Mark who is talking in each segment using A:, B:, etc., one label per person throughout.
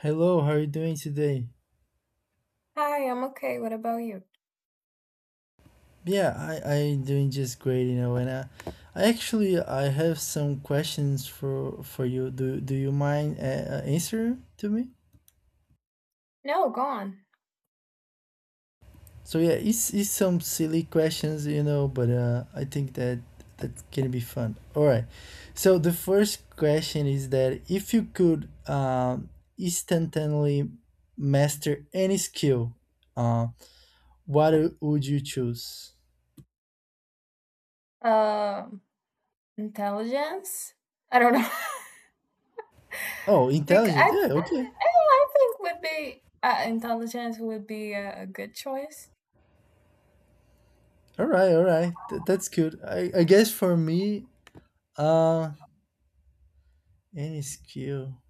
A: Hello, how are you doing today?
B: Hi, I'm okay. What about you?
A: Yeah, I doing just great, you know. And I actually I have some questions for you. Do you mind answering to me?
B: No, go on.
A: So yeah, it's some silly questions, but I think that that can be fun. All right. So the first question is that if you could instantly master any skill, uh, what would you choose?
B: Um, intelligence? I don't know.
A: Oh,
B: because
A: intelligent.
B: I,
A: Yeah. Okay.
B: th- I think would be intelligence would be a good choice.
A: All right, all right. That's good. I guess for me, uh, any skill.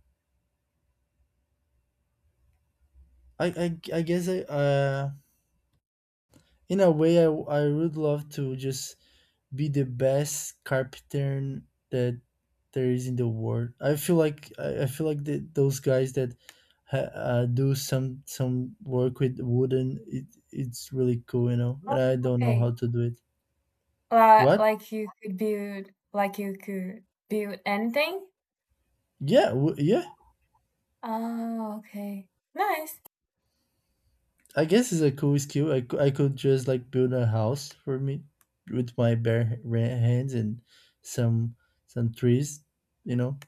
A: I guess in a way, I would love to just be the best carpenter that there is in the world. I feel like those guys that do some work with wooden, it's really cool. And
B: Oh,
A: I don't know how
B: okay.
A: to do it.
B: Like
A: What?
B: like you could build anything.
A: Yeah, yeah.
B: Oh, okay. Nice.
A: I guess it's a cool skill. I could just like build a house for me with my bare hands and some some trees, you know.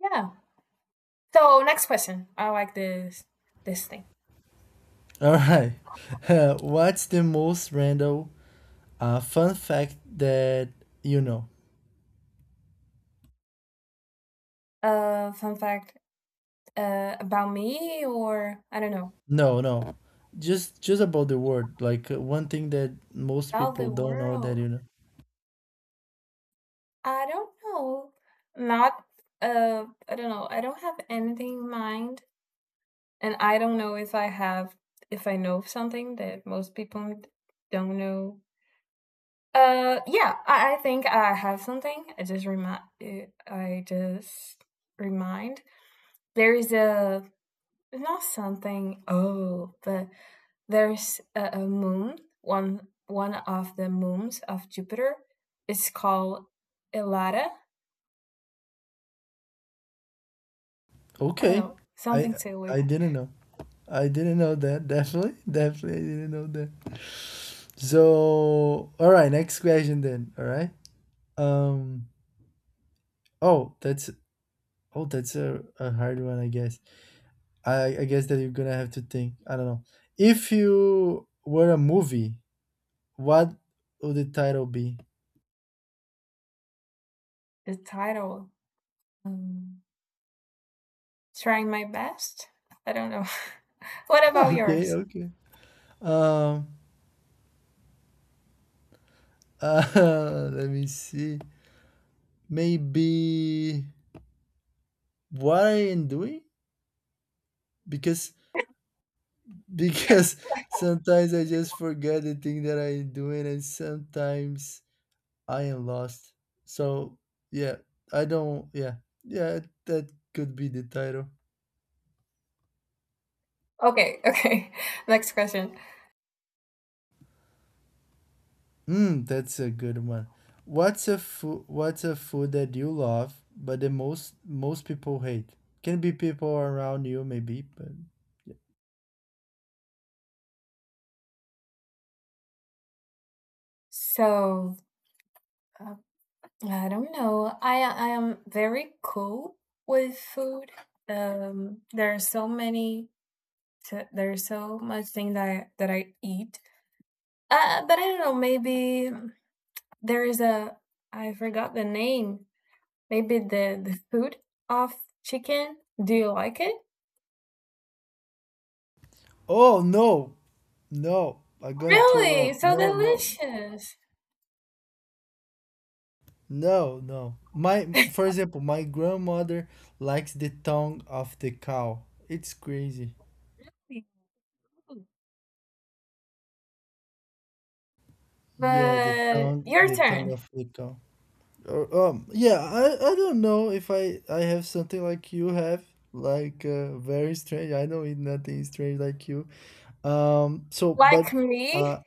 B: Yeah. So next question. I like this thing.
A: All right. What's the most random fun fact that you know?
B: Fun fact. About me or I don't know,
A: No, no. Just about the word, like one thing that most
B: about
A: people
B: the
A: don't know that
B: world.
A: you know.
B: I don't know. Not, I don't know. I don't have anything in mind, and I don't know if I know of something that most people don't know. I think I have something. I just remind. I just remind. There is a not something. Oh, but there's a moon. One of the moons of Jupiter is called Elada. I don't
A: Okay.
B: know
A: I
B: something to with
A: I didn't know. I didn't know that. Definitely, definitely, I didn't know that. So, all right, next question then. All right. Um. Oh, that's a hard one, I guess. I guess that you're gonna have to think. I don't know. If you were a movie, what would the title be?
B: the title. Um, trying my best. I don't know. What about
A: Okay,
B: yours?
A: okay. Um. Let me see. Maybe what I am doing because because sometimes I just forget the thing that I'm doing, and sometimes I am lost. So yeah, I don't. Yeah, yeah, that could be the title.
B: Okay, okay. Next question.
A: Mm, that's a good one. What's a food? What's a food that you love, but the most people hate? Can be people around you, maybe, but. Yeah.
B: So uh, I don't know. I am very cool with food. There are so many. There's so much thing that I eat. But I don't know. Maybe there is a I forgot the name. Maybe the food of chicken. Do you like it?
A: Oh no, no! I'm gonna throw
B: Really?
A: up.
B: So
A: No, no.
B: delicious.
A: No, no. My, for example, my grandmother likes the tongue of the cow. It's crazy. Yeah, the
B: But
A: tongue,
B: your
A: the tongue
B: turn.
A: of the cow. Or, yeah, I don't know if I have something like you have, like very strange. I don't eat nothing strange like you. So, but
B: Like me?
A: uh,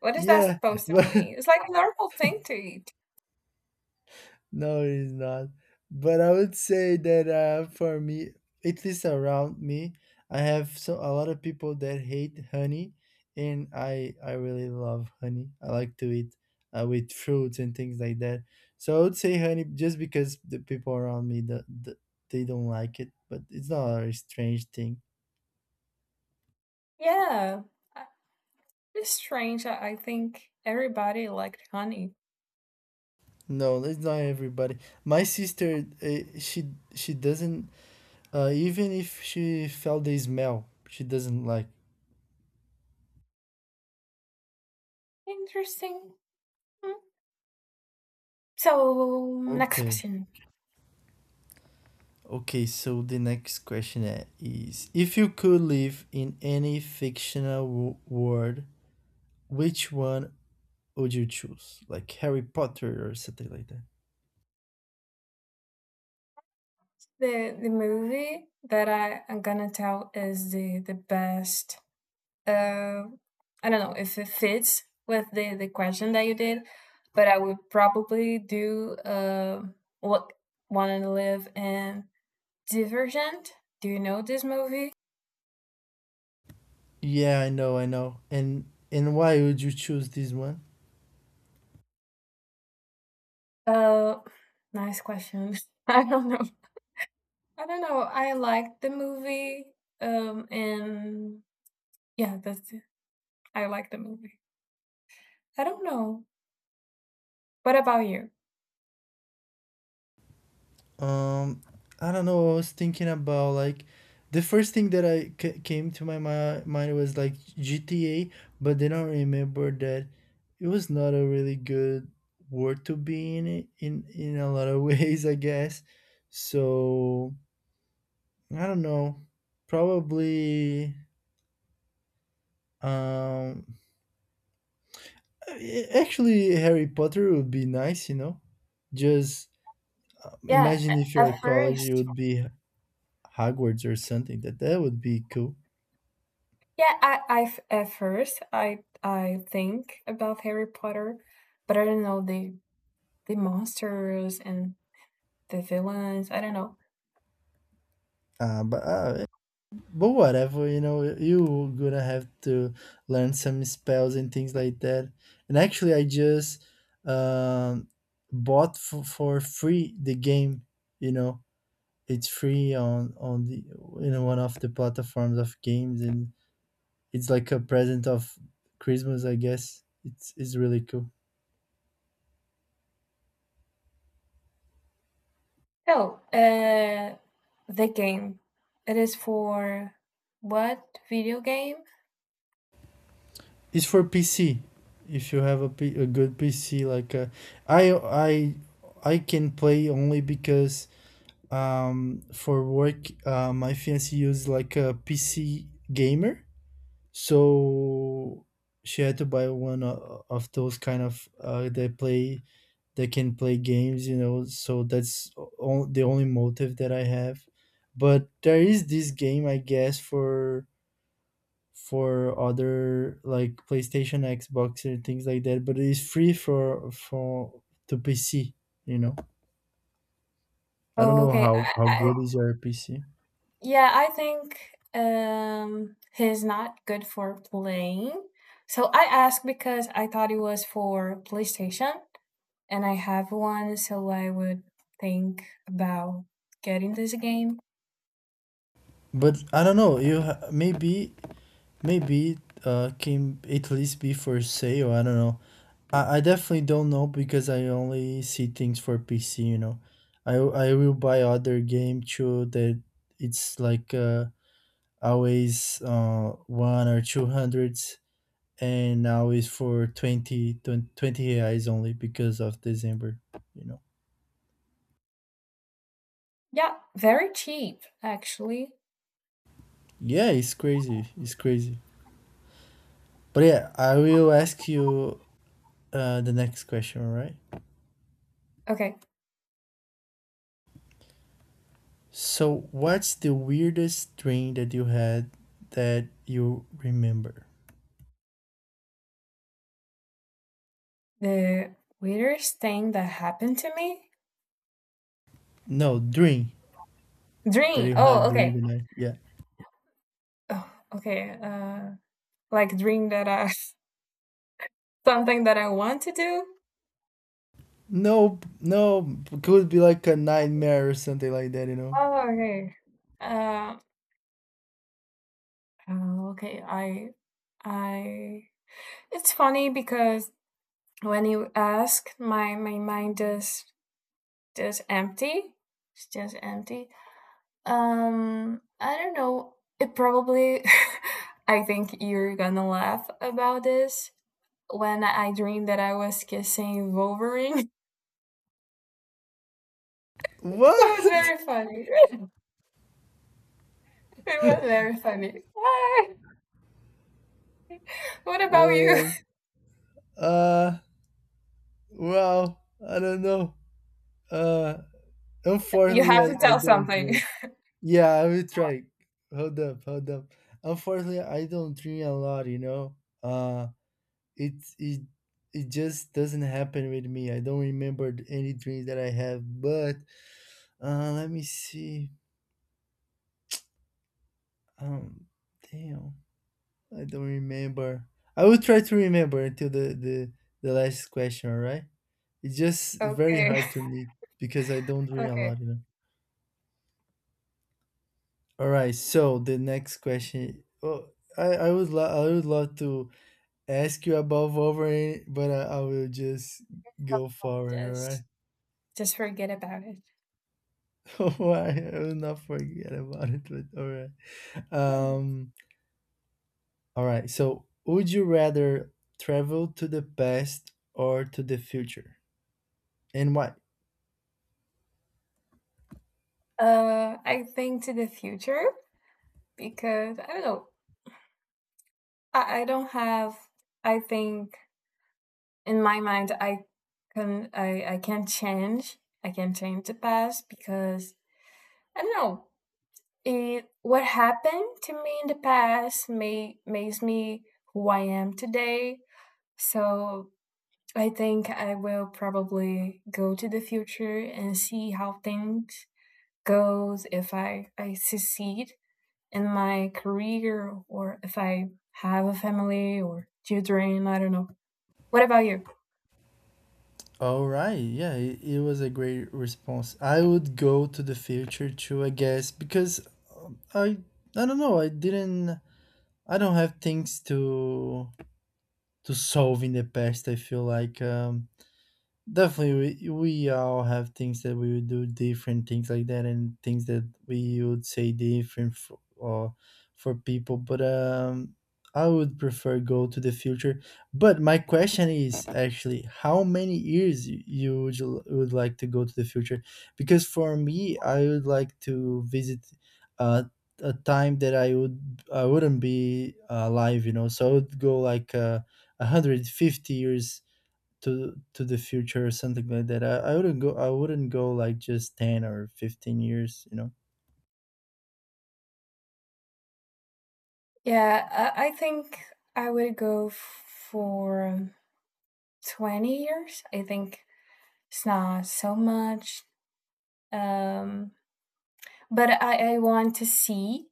B: What is that
A: yeah,
B: supposed to
A: but.
B: mean? It's like a normal thing to eat.
A: No, it's not. But I would say that for me, at least around me, I have so a lot of people that hate honey, and I really love honey. I like to eat with fruits and things like that. So I would say honey just because the people around me they don't like it, but it's not a strange thing.
B: Yeah. Uh, It's strange. I think everybody liked honey.
A: No, it's not everybody. My sister, she doesn't, even if she felt the smell, she doesn't like.
B: Interesting. Mm. So, next
A: Okay.
B: question.
A: Okay, so the next question is if you could live in any fictional world, which one would you choose? Like Harry Potter or something like that?
B: The movie that I am gonna tell is the best. Uh, I don't know if it fits with the question that you did, but I would probably do look want to live in Divergent. Do you know this movie?
A: Yeah, I know, I know. And why would you choose this one?
B: Uh, nice question. I don't know. I don't know. I like the movie. And yeah, that's it. I like the movie. I don't know. What about you?
A: Um, I don't know. I was thinking about like the first thing that I came to my mind was like GTA, but then I remember that it was not a really good word to be in it in a lot of ways, I guess. So I don't know. Probably um actually Harry Potter would be nice. Just
B: Yeah,
A: imagine if you're
B: at
A: at college, you
B: first,
A: would be Hogwarts or something. That would be cool.
B: yeah, I f- at first I think about Harry Potter, but I don't know the monsters and the villains. I don't know.
A: Uh, but uh, but whatever, you gonna have to learn some spells and things like that. And actually, I just um, bought for free the game. You know, it's free on the one of the platforms of games, and it's like a present of Christmas, I guess. It's really cool.
B: Oh, uh, the game. It is for what video game?
A: It's for PC. If you have a good PC, like I I I can play only because for work, my fiance used like a PC gamer, so she had to buy one of those kind of they can play games. So that's the only motive that I have. But there is this game, I guess, for other like PlayStation, Xbox, and things like that. But it's free for to PC, you know. I don't
B: Oh,
A: know
B: okay.
A: how how
B: I,
A: good is your PC.
B: yeah, I think he's not good for playing. So I asked because I thought it was for PlayStation, and I have one, so I would think about getting this game.
A: But I don't know. Maybe can at least be for sale. I don't know. I definitely don't know because I only see things for PC. I will buy other game too that it's like always one or two hundreds, and now is for 20, 20 20 reais only because of December. You know.
B: Yeah, very cheap, actually.
A: Yeah, it's crazy. It's crazy. But yeah, I will ask you the next question. All right.
B: Okay,
A: So, what's the weirdest dream that you had that you remember?
B: the weirdest thing that happened to me?
A: No, dream that
B: Dream!
A: you have
B: Oh,
A: during
B: okay.
A: the night. Yeah.
B: Oh, okay, like dream that I. Something that I want to do?
A: No, no, could be like a nightmare or something like that, you know?
B: Oh, okay. Uh, oh, okay. I. It's funny because when you ask, my mind just empty. It's just empty. I don't know. It probably, I think you're gonna laugh about this. When I dreamed that I was kissing Wolverine, it was
A: What?
B: very funny. It was very funny. Why? What about you?
A: Man. Uh, well, I don't know. Uh,
B: You
A: unfortunately,
B: have
A: I,
B: to
A: I
B: tell
A: don't
B: something.
A: dream. Yeah, I will try. Hold up, hold up. Unfortunately, I don't dream a lot, you know? Uh, it it it just doesn't happen with me. I don't remember any dreams that I have. But let me see. Um, damn, I don't remember. I will try to remember until the last question. All right. It's just very
B: Okay,
A: hard to me because I don't dream a
B: okay.
A: lot. All right. So the next question. Oh, I would love to ask you about Wolverine, but I will just go forward. All right.
B: Just, just forget about it.
A: Why? I will not forget about it, but all right.
B: Hmm.
A: Um, all right. So, would you rather travel to the past or to the future? And why?
B: I think to the future because I don't know. I don't have. I think in my mind, I can. I can change. I can change the past because I don't know. It what happened to me in the past may makes me who I am today. So I think I will probably go to the future and see how things goes if I succeed in my career, or if I have a family or children. I don't know. What about you?
A: All right. Yeah, it was a great response. I would go to the future too, I guess, because um, I I don't know. I didn't. I don't have things to solve in the past. I feel like definitely, we all have things that we would do different, things like that, and things that we would say different or for people. But I would prefer go to the future. But my question is actually, how many years you would like to go to the future? Because for me, I would like to visit uh, a time that I wouldn't be alive. So I would go like 150 years to the future or something like that. I wouldn't go like just 10 or 15 years.
B: Yeah, I think I would go for 20 years. I think it's not so much. Um, but I want to see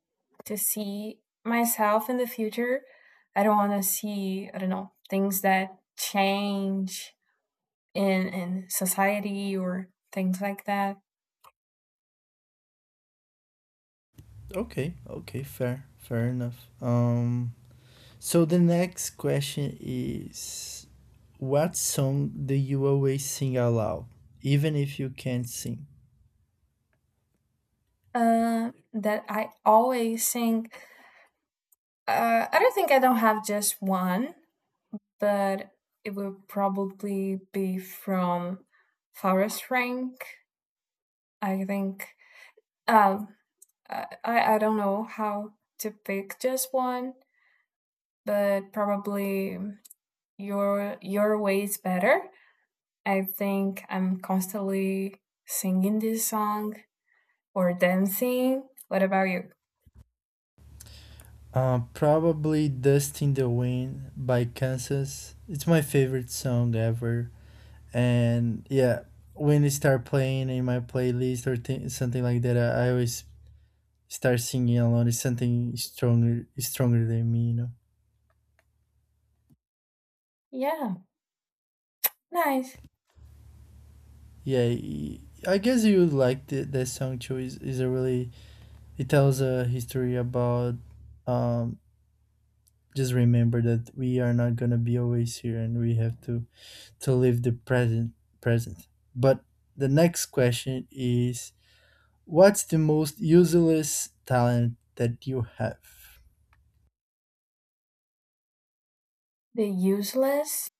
B: myself in the future. I don't want to see, I don't know, things that change in society or things like that.
A: Okay, okay, fair, fair enough. So the next question is, what song do you always sing aloud even if you can't sing?
B: That I always think I don't think I don't have just one, but it will probably be from Forest Rank. I think. Um, I I don't know how to pick just one, but probably your way is better. I think I'm constantly singing this song or dancing. What about you?
A: Probably Dust in the Wind by Kansas. It's my favorite song ever. And yeah, when it start playing in my playlist or something like that, I always start singing alone, is something stronger than me.
B: Yeah, nice.
A: Yeah, I guess you would like that song too, is a really, it tells a history about um just remember that we are not gonna be always here, and we have to live the present. But the next question is, what's the most useless talent that you have?
B: The useless.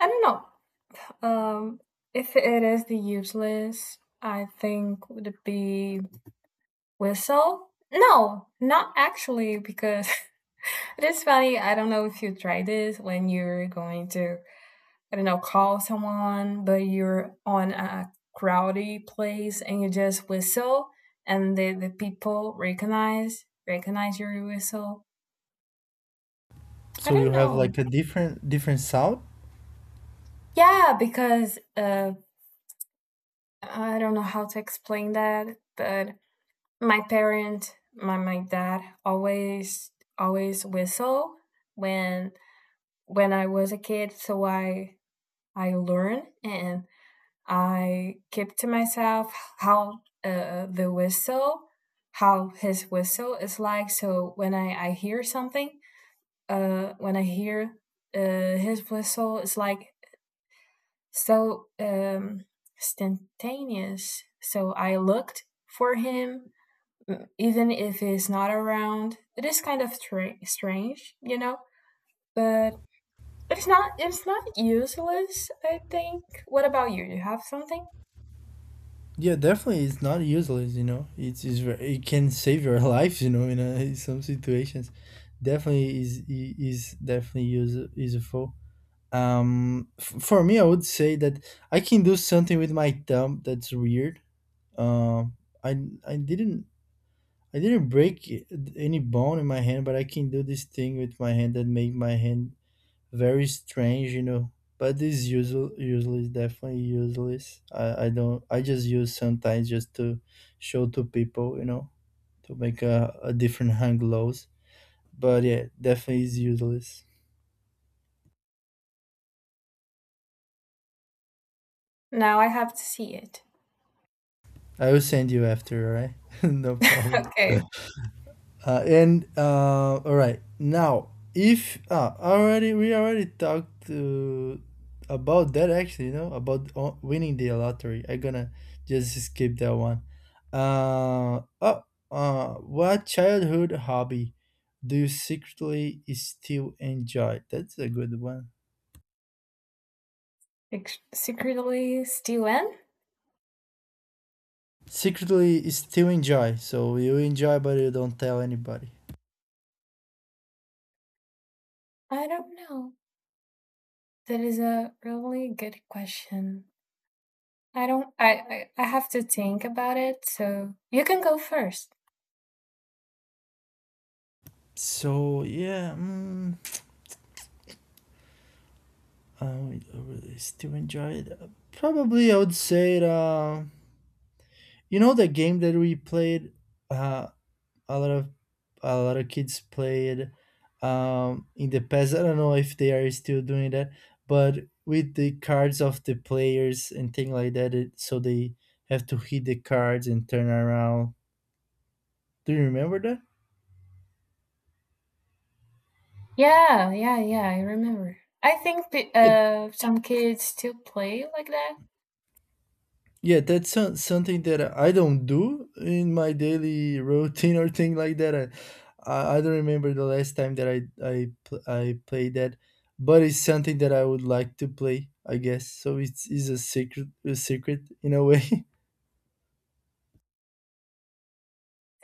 B: I don't know. Um, if it is the useless, I think would be whistle? No, not actually, because it is funny. I don't know if you try this when you're going to, I don't know, call someone, but you're on a crowded place and you just whistle and the people recognize your whistle. I
A: So you
B: don't
A: have
B: know.
A: like a different sound.
B: Yeah, because I don't know how to explain that, but my dad always whistle when I was a kid, so I learned, and I kept to myself how how his whistle is like. So when I hear something, when I hear his whistle, it's like so instantaneous. So I looked for him, even if he's not around. It is kind of strange, you know. But it's not useless, I think. What about you? You have something?
A: Yeah, definitely, it's not useless. It can save your life. In some situations, definitely is definitely useful. For me, I would say that I can do something with my thumb that's weird. Um, I I didn't I didn't break any bone in my hand, but I can do this thing with my hand that make my hand very strange. But this usual useless, definitely useless. I don't. I just use sometimes just to show to people, to make a different hang lows. But yeah, definitely is useless.
B: Now I have to see it.
A: I will send you after, alright? no problem.
B: Okay.
A: And all right now, if ah already we already talked about that actually, about winning the lottery. I'm gonna just skip that one. Oh, what childhood hobby do you secretly still enjoy? That's a good one.
B: Ex- Secretly steal in?
A: Secretly still enjoy, so you enjoy, but you don't tell anybody.
B: I don't know. That is a really good question. I don't I have to think about it, so you can go first.
A: So yeah. I really still enjoy it. Probably, I would say it. You know the game that we played. Uh, a lot of a lot of kids played. In the past, I don't know if they are still doing that, but with the cards of the players and thing like that, so they have to hit the cards and turn around. Do you remember that?
B: Yeah, yeah, yeah, I remember. I think
A: Yeah,
B: some kids still play like that.
A: yeah, that's something that I don't do in my daily routine or thing like that. I don't remember the last time that I played that, but it's something that I would like to play, I guess. So it's is a secret in a way.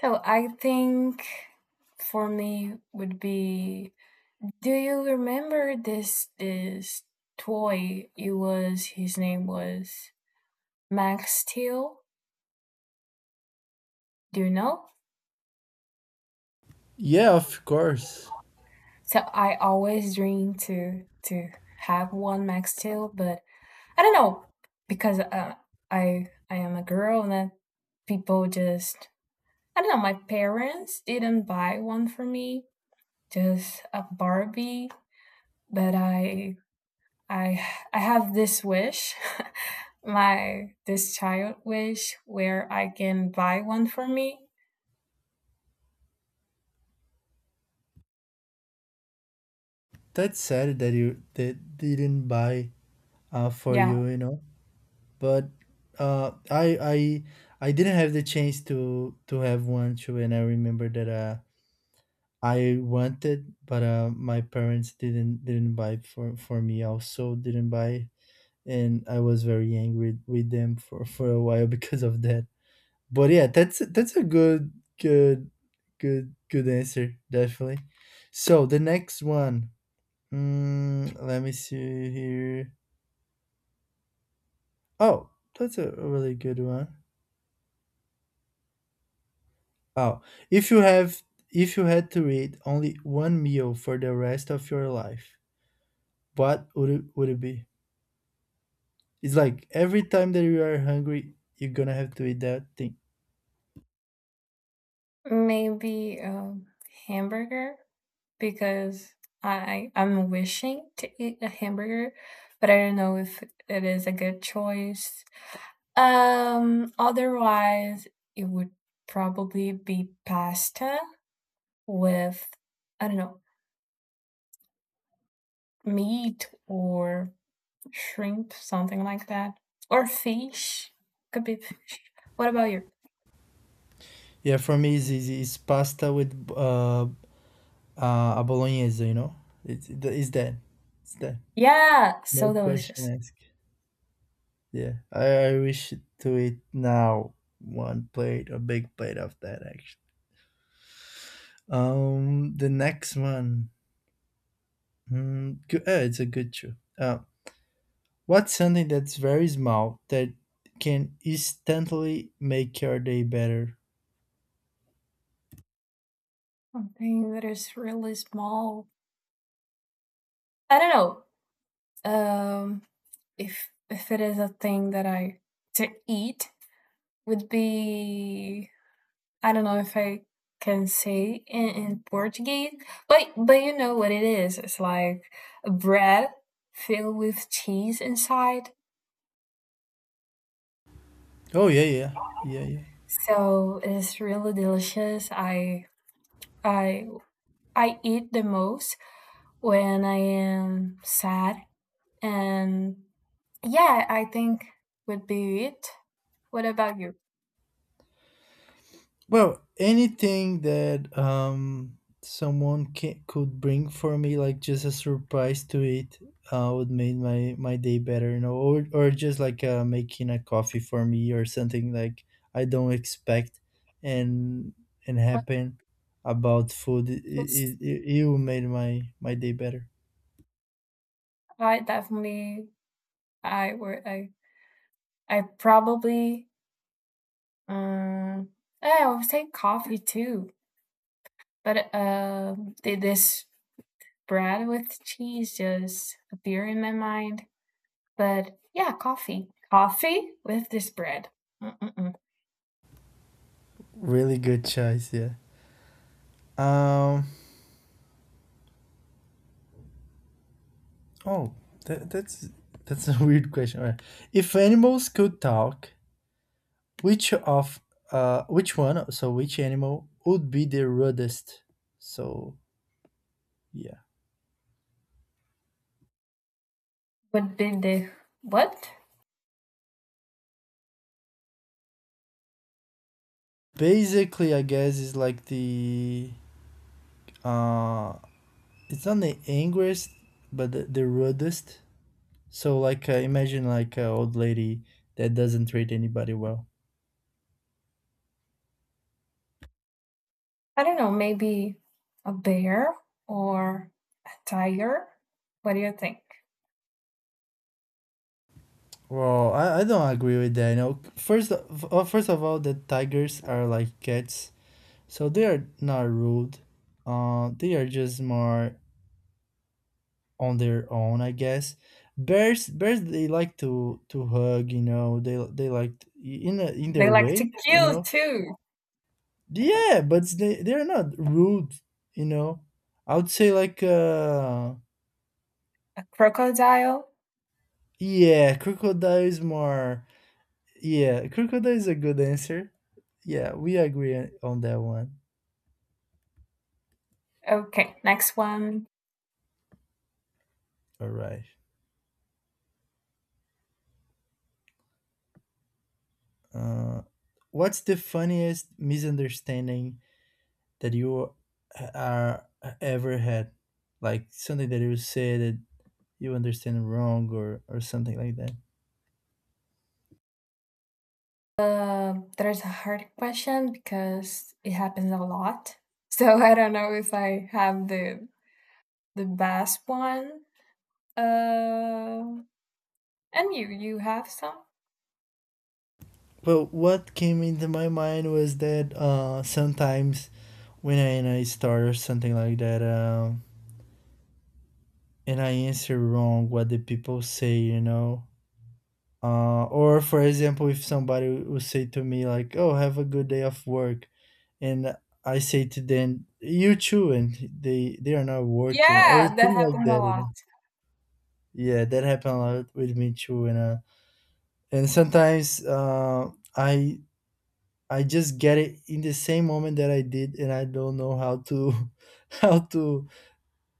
B: So I think for me would be do you remember this toy? It was his name was Max Steel. Do you know?
A: Yeah, of course.
B: So I always dream to have one Max Steel, but I don't know because I am a girl and that people just I don't know. My parents didn't buy one for me, just a Barbie, but I I have this wish, my this child wish where I can buy one for me.
A: That's sad that you that didn't buy for
B: Yeah,
A: you, you know. But uh I I I didn't have the chance to have one too, and I remember that I wanted, but my parents didn't buy for me. Also, didn't buy, and I was very angry with them for a while because of that. But yeah, that's a good good answer, definitely. So the next one, let me see here. Oh, that's a really good one. Oh, if you have if you had to eat only one meal for the rest of your life, what would it be? It's like every time that you are hungry, you're gonna have to eat that thing.
B: maybe a hamburger because I'm wishing to eat a hamburger, but I don't know if it is a good choice. Otherwise it would probably be pasta with I don't know meat or shrimp, something like that, or fish. Could be fish. What about you?
A: Yeah, for me, it's easy. It's pasta with a bolognese, you know? It's that. It's that.
B: Yeah,
A: No
B: so delicious.
A: question asked. Yeah, I, I wish to eat now one plate, a big plate of that, actually. The next one. Hmm, good, it's a good show. Uh, what's something that's very small that can instantly make your day better?
B: Something that is really small. I don't know if it is a thing that I to eat would be I don't know if I can say in Portuguese, but you know what it is. It's like a bread filled with cheese inside.
A: Oh, yeah, yeah. Yeah, yeah.
B: So it's really delicious. I I eat the most when I am sad. And yeah, I think would be it. What about you?
A: Well, anything that someone ca could bring for me, like just a surprise to it, would make my day better, you know, or just like making a coffee for me or something like I don't expect and and
B: I
A: happen about food.
B: just-
A: It will make my day better.
B: I definitely I would I probably um I would say coffee too. But this bread with cheese just appear in my mind. But yeah, coffee. Coffee with this bread. Mm-mm-mm.
A: Really good choice, yeah. Um. Oh, that's a weird question. All right. If animals could talk, which of which one, so which animal would be the rudest? So yeah.
B: Would be the what?
A: Basically, I guess is like the uh it's not the angriest but the rudest. So like imagine like an old lady that doesn't treat anybody well.
B: I don't know, maybe a bear or a tiger. What do you think?
A: Well, I don't agree with that. You know, first of all, the tigers are like cats, so they are not rude. They are just more on their own, I guess. Bears, they like to hug, you know. They like in a, in
B: They
A: their
B: like to
A: way, you
B: kill
A: know.
B: too.
A: Yeah, but they they're not rude, you know. I would say like uh,
B: A crocodile.
A: yeah, crocodile is more, yeah, crocodile is a good answer, yeah. We agree on that one.
B: Okay, next one.
A: All right. uh what's the funniest misunderstanding that you uh, ever had, like something that you said, that you understand wrong or something like that.
B: There's a hard question because it happens a lot. So I don't know if I have the best one. Uh, And you, you have some?
A: Well, what came into my mind was that sometimes when I start or something like that, and I answer wrong what the people say, you know. Or for example, if somebody would say to me like, oh, have a good day of work, and I say to them, you too, and they are not working or
B: Yeah, that
A: thing like
B: happened a
A: that, you
B: lot.
A: know. Yeah, that happened a lot with me too, and sometimes I just get it in the same moment that I did, and I don't know how to how to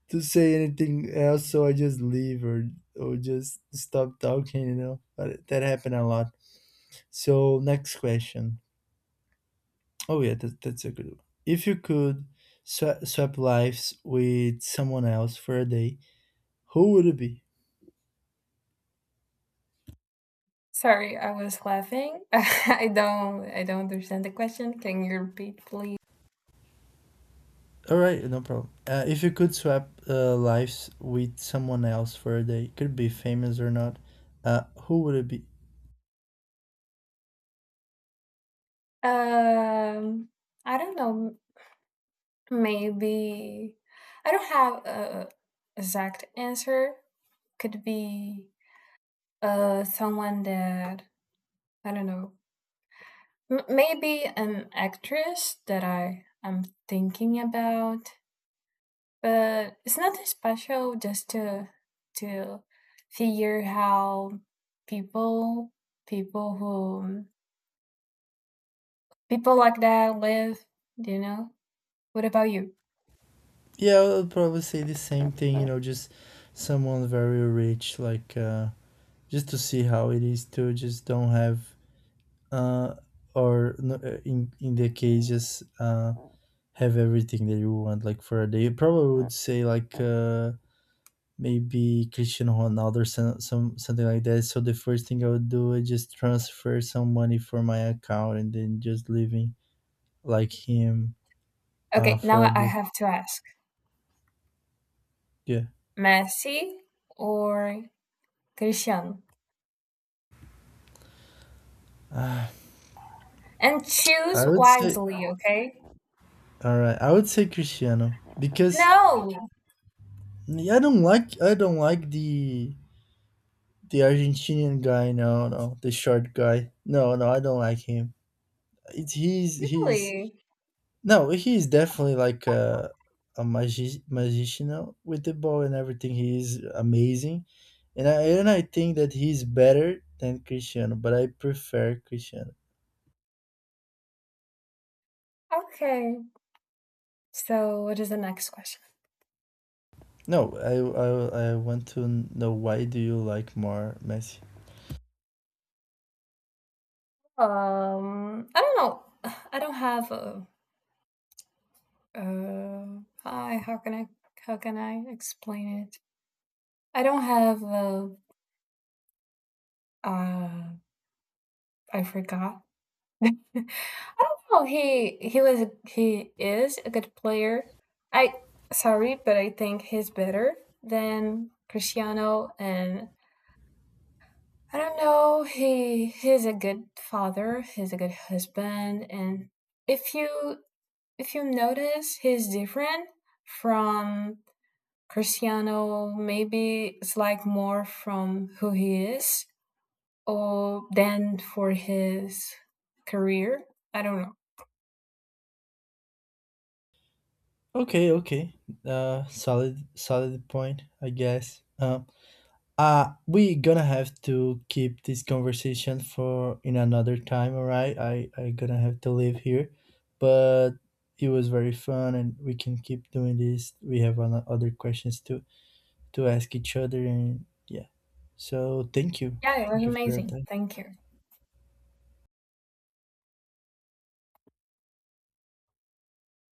A: say anything else, so I just leave or just stop talking, you know. But that happened a lot. So next question. Oh yeah, that's a good one. If you could swap lives with someone else for a day, who would it be?
B: Sorry, I was laughing. I don't understand the question. Can you repeat, please?
A: All right, no problem. If you could swap lives with someone else for a day, could be famous or not, who would it be?
B: Um, I don't know. Maybe I don't have a exact answer. Could be someone that I don't know. Maybe an actress that I am thinking about, but it's nothing special. Just to to figure how people people who people like that live. You know. What about you?
A: Yeah, I would probably say the same thing. You know, just someone very rich, like just to see how it is to just don't have, uh, or in the case, just have everything that you want. Like for a day, you probably would say like maybe Cristiano Ronaldo or some something like that. So the first thing I would do is just transfer some money for my account and then just living like him,
B: Okay,
A: for
B: now
A: a
B: I
A: day.
B: have to ask:
A: Yeah.
B: Messi or Christian?
A: Uh,
B: And
A: I
B: choose
A: would say
B: wisely. Okay.
A: All right, I would say Cristiano because
B: No,
A: I don't like the Argentinian guy. No, no, the short guy. No, no, I don't like him. It's he's
B: really.
A: no, he's definitely like a magician with the ball and everything. He's amazing, and I think that he's better than Cristiano, but I prefer Cristiano.
B: Okay. So what is the next question?
A: No, I want to know, why do you like more Messi?
B: I don't know. I don't have a. I how can I how can I explain it? I don't have a. Uh, I forgot. I don't know. He is a good player. I Sorry, but I think he's better than Cristiano and. I don't know. He's a good father. He's a good husband, and if you notice, he's different from Cristiano. Maybe it's like more from who he is or than for his career. I don't know.
A: Okay, okay. Solid point, I guess. We gonna have to keep this conversation for in another time, all right? I gonna have to leave here, but it was very fun, and we can keep doing this. We have other questions to ask each other, and yeah. So
B: Yeah, it was
A: thank you for
B: amazing.
A: that.
B: Thank you.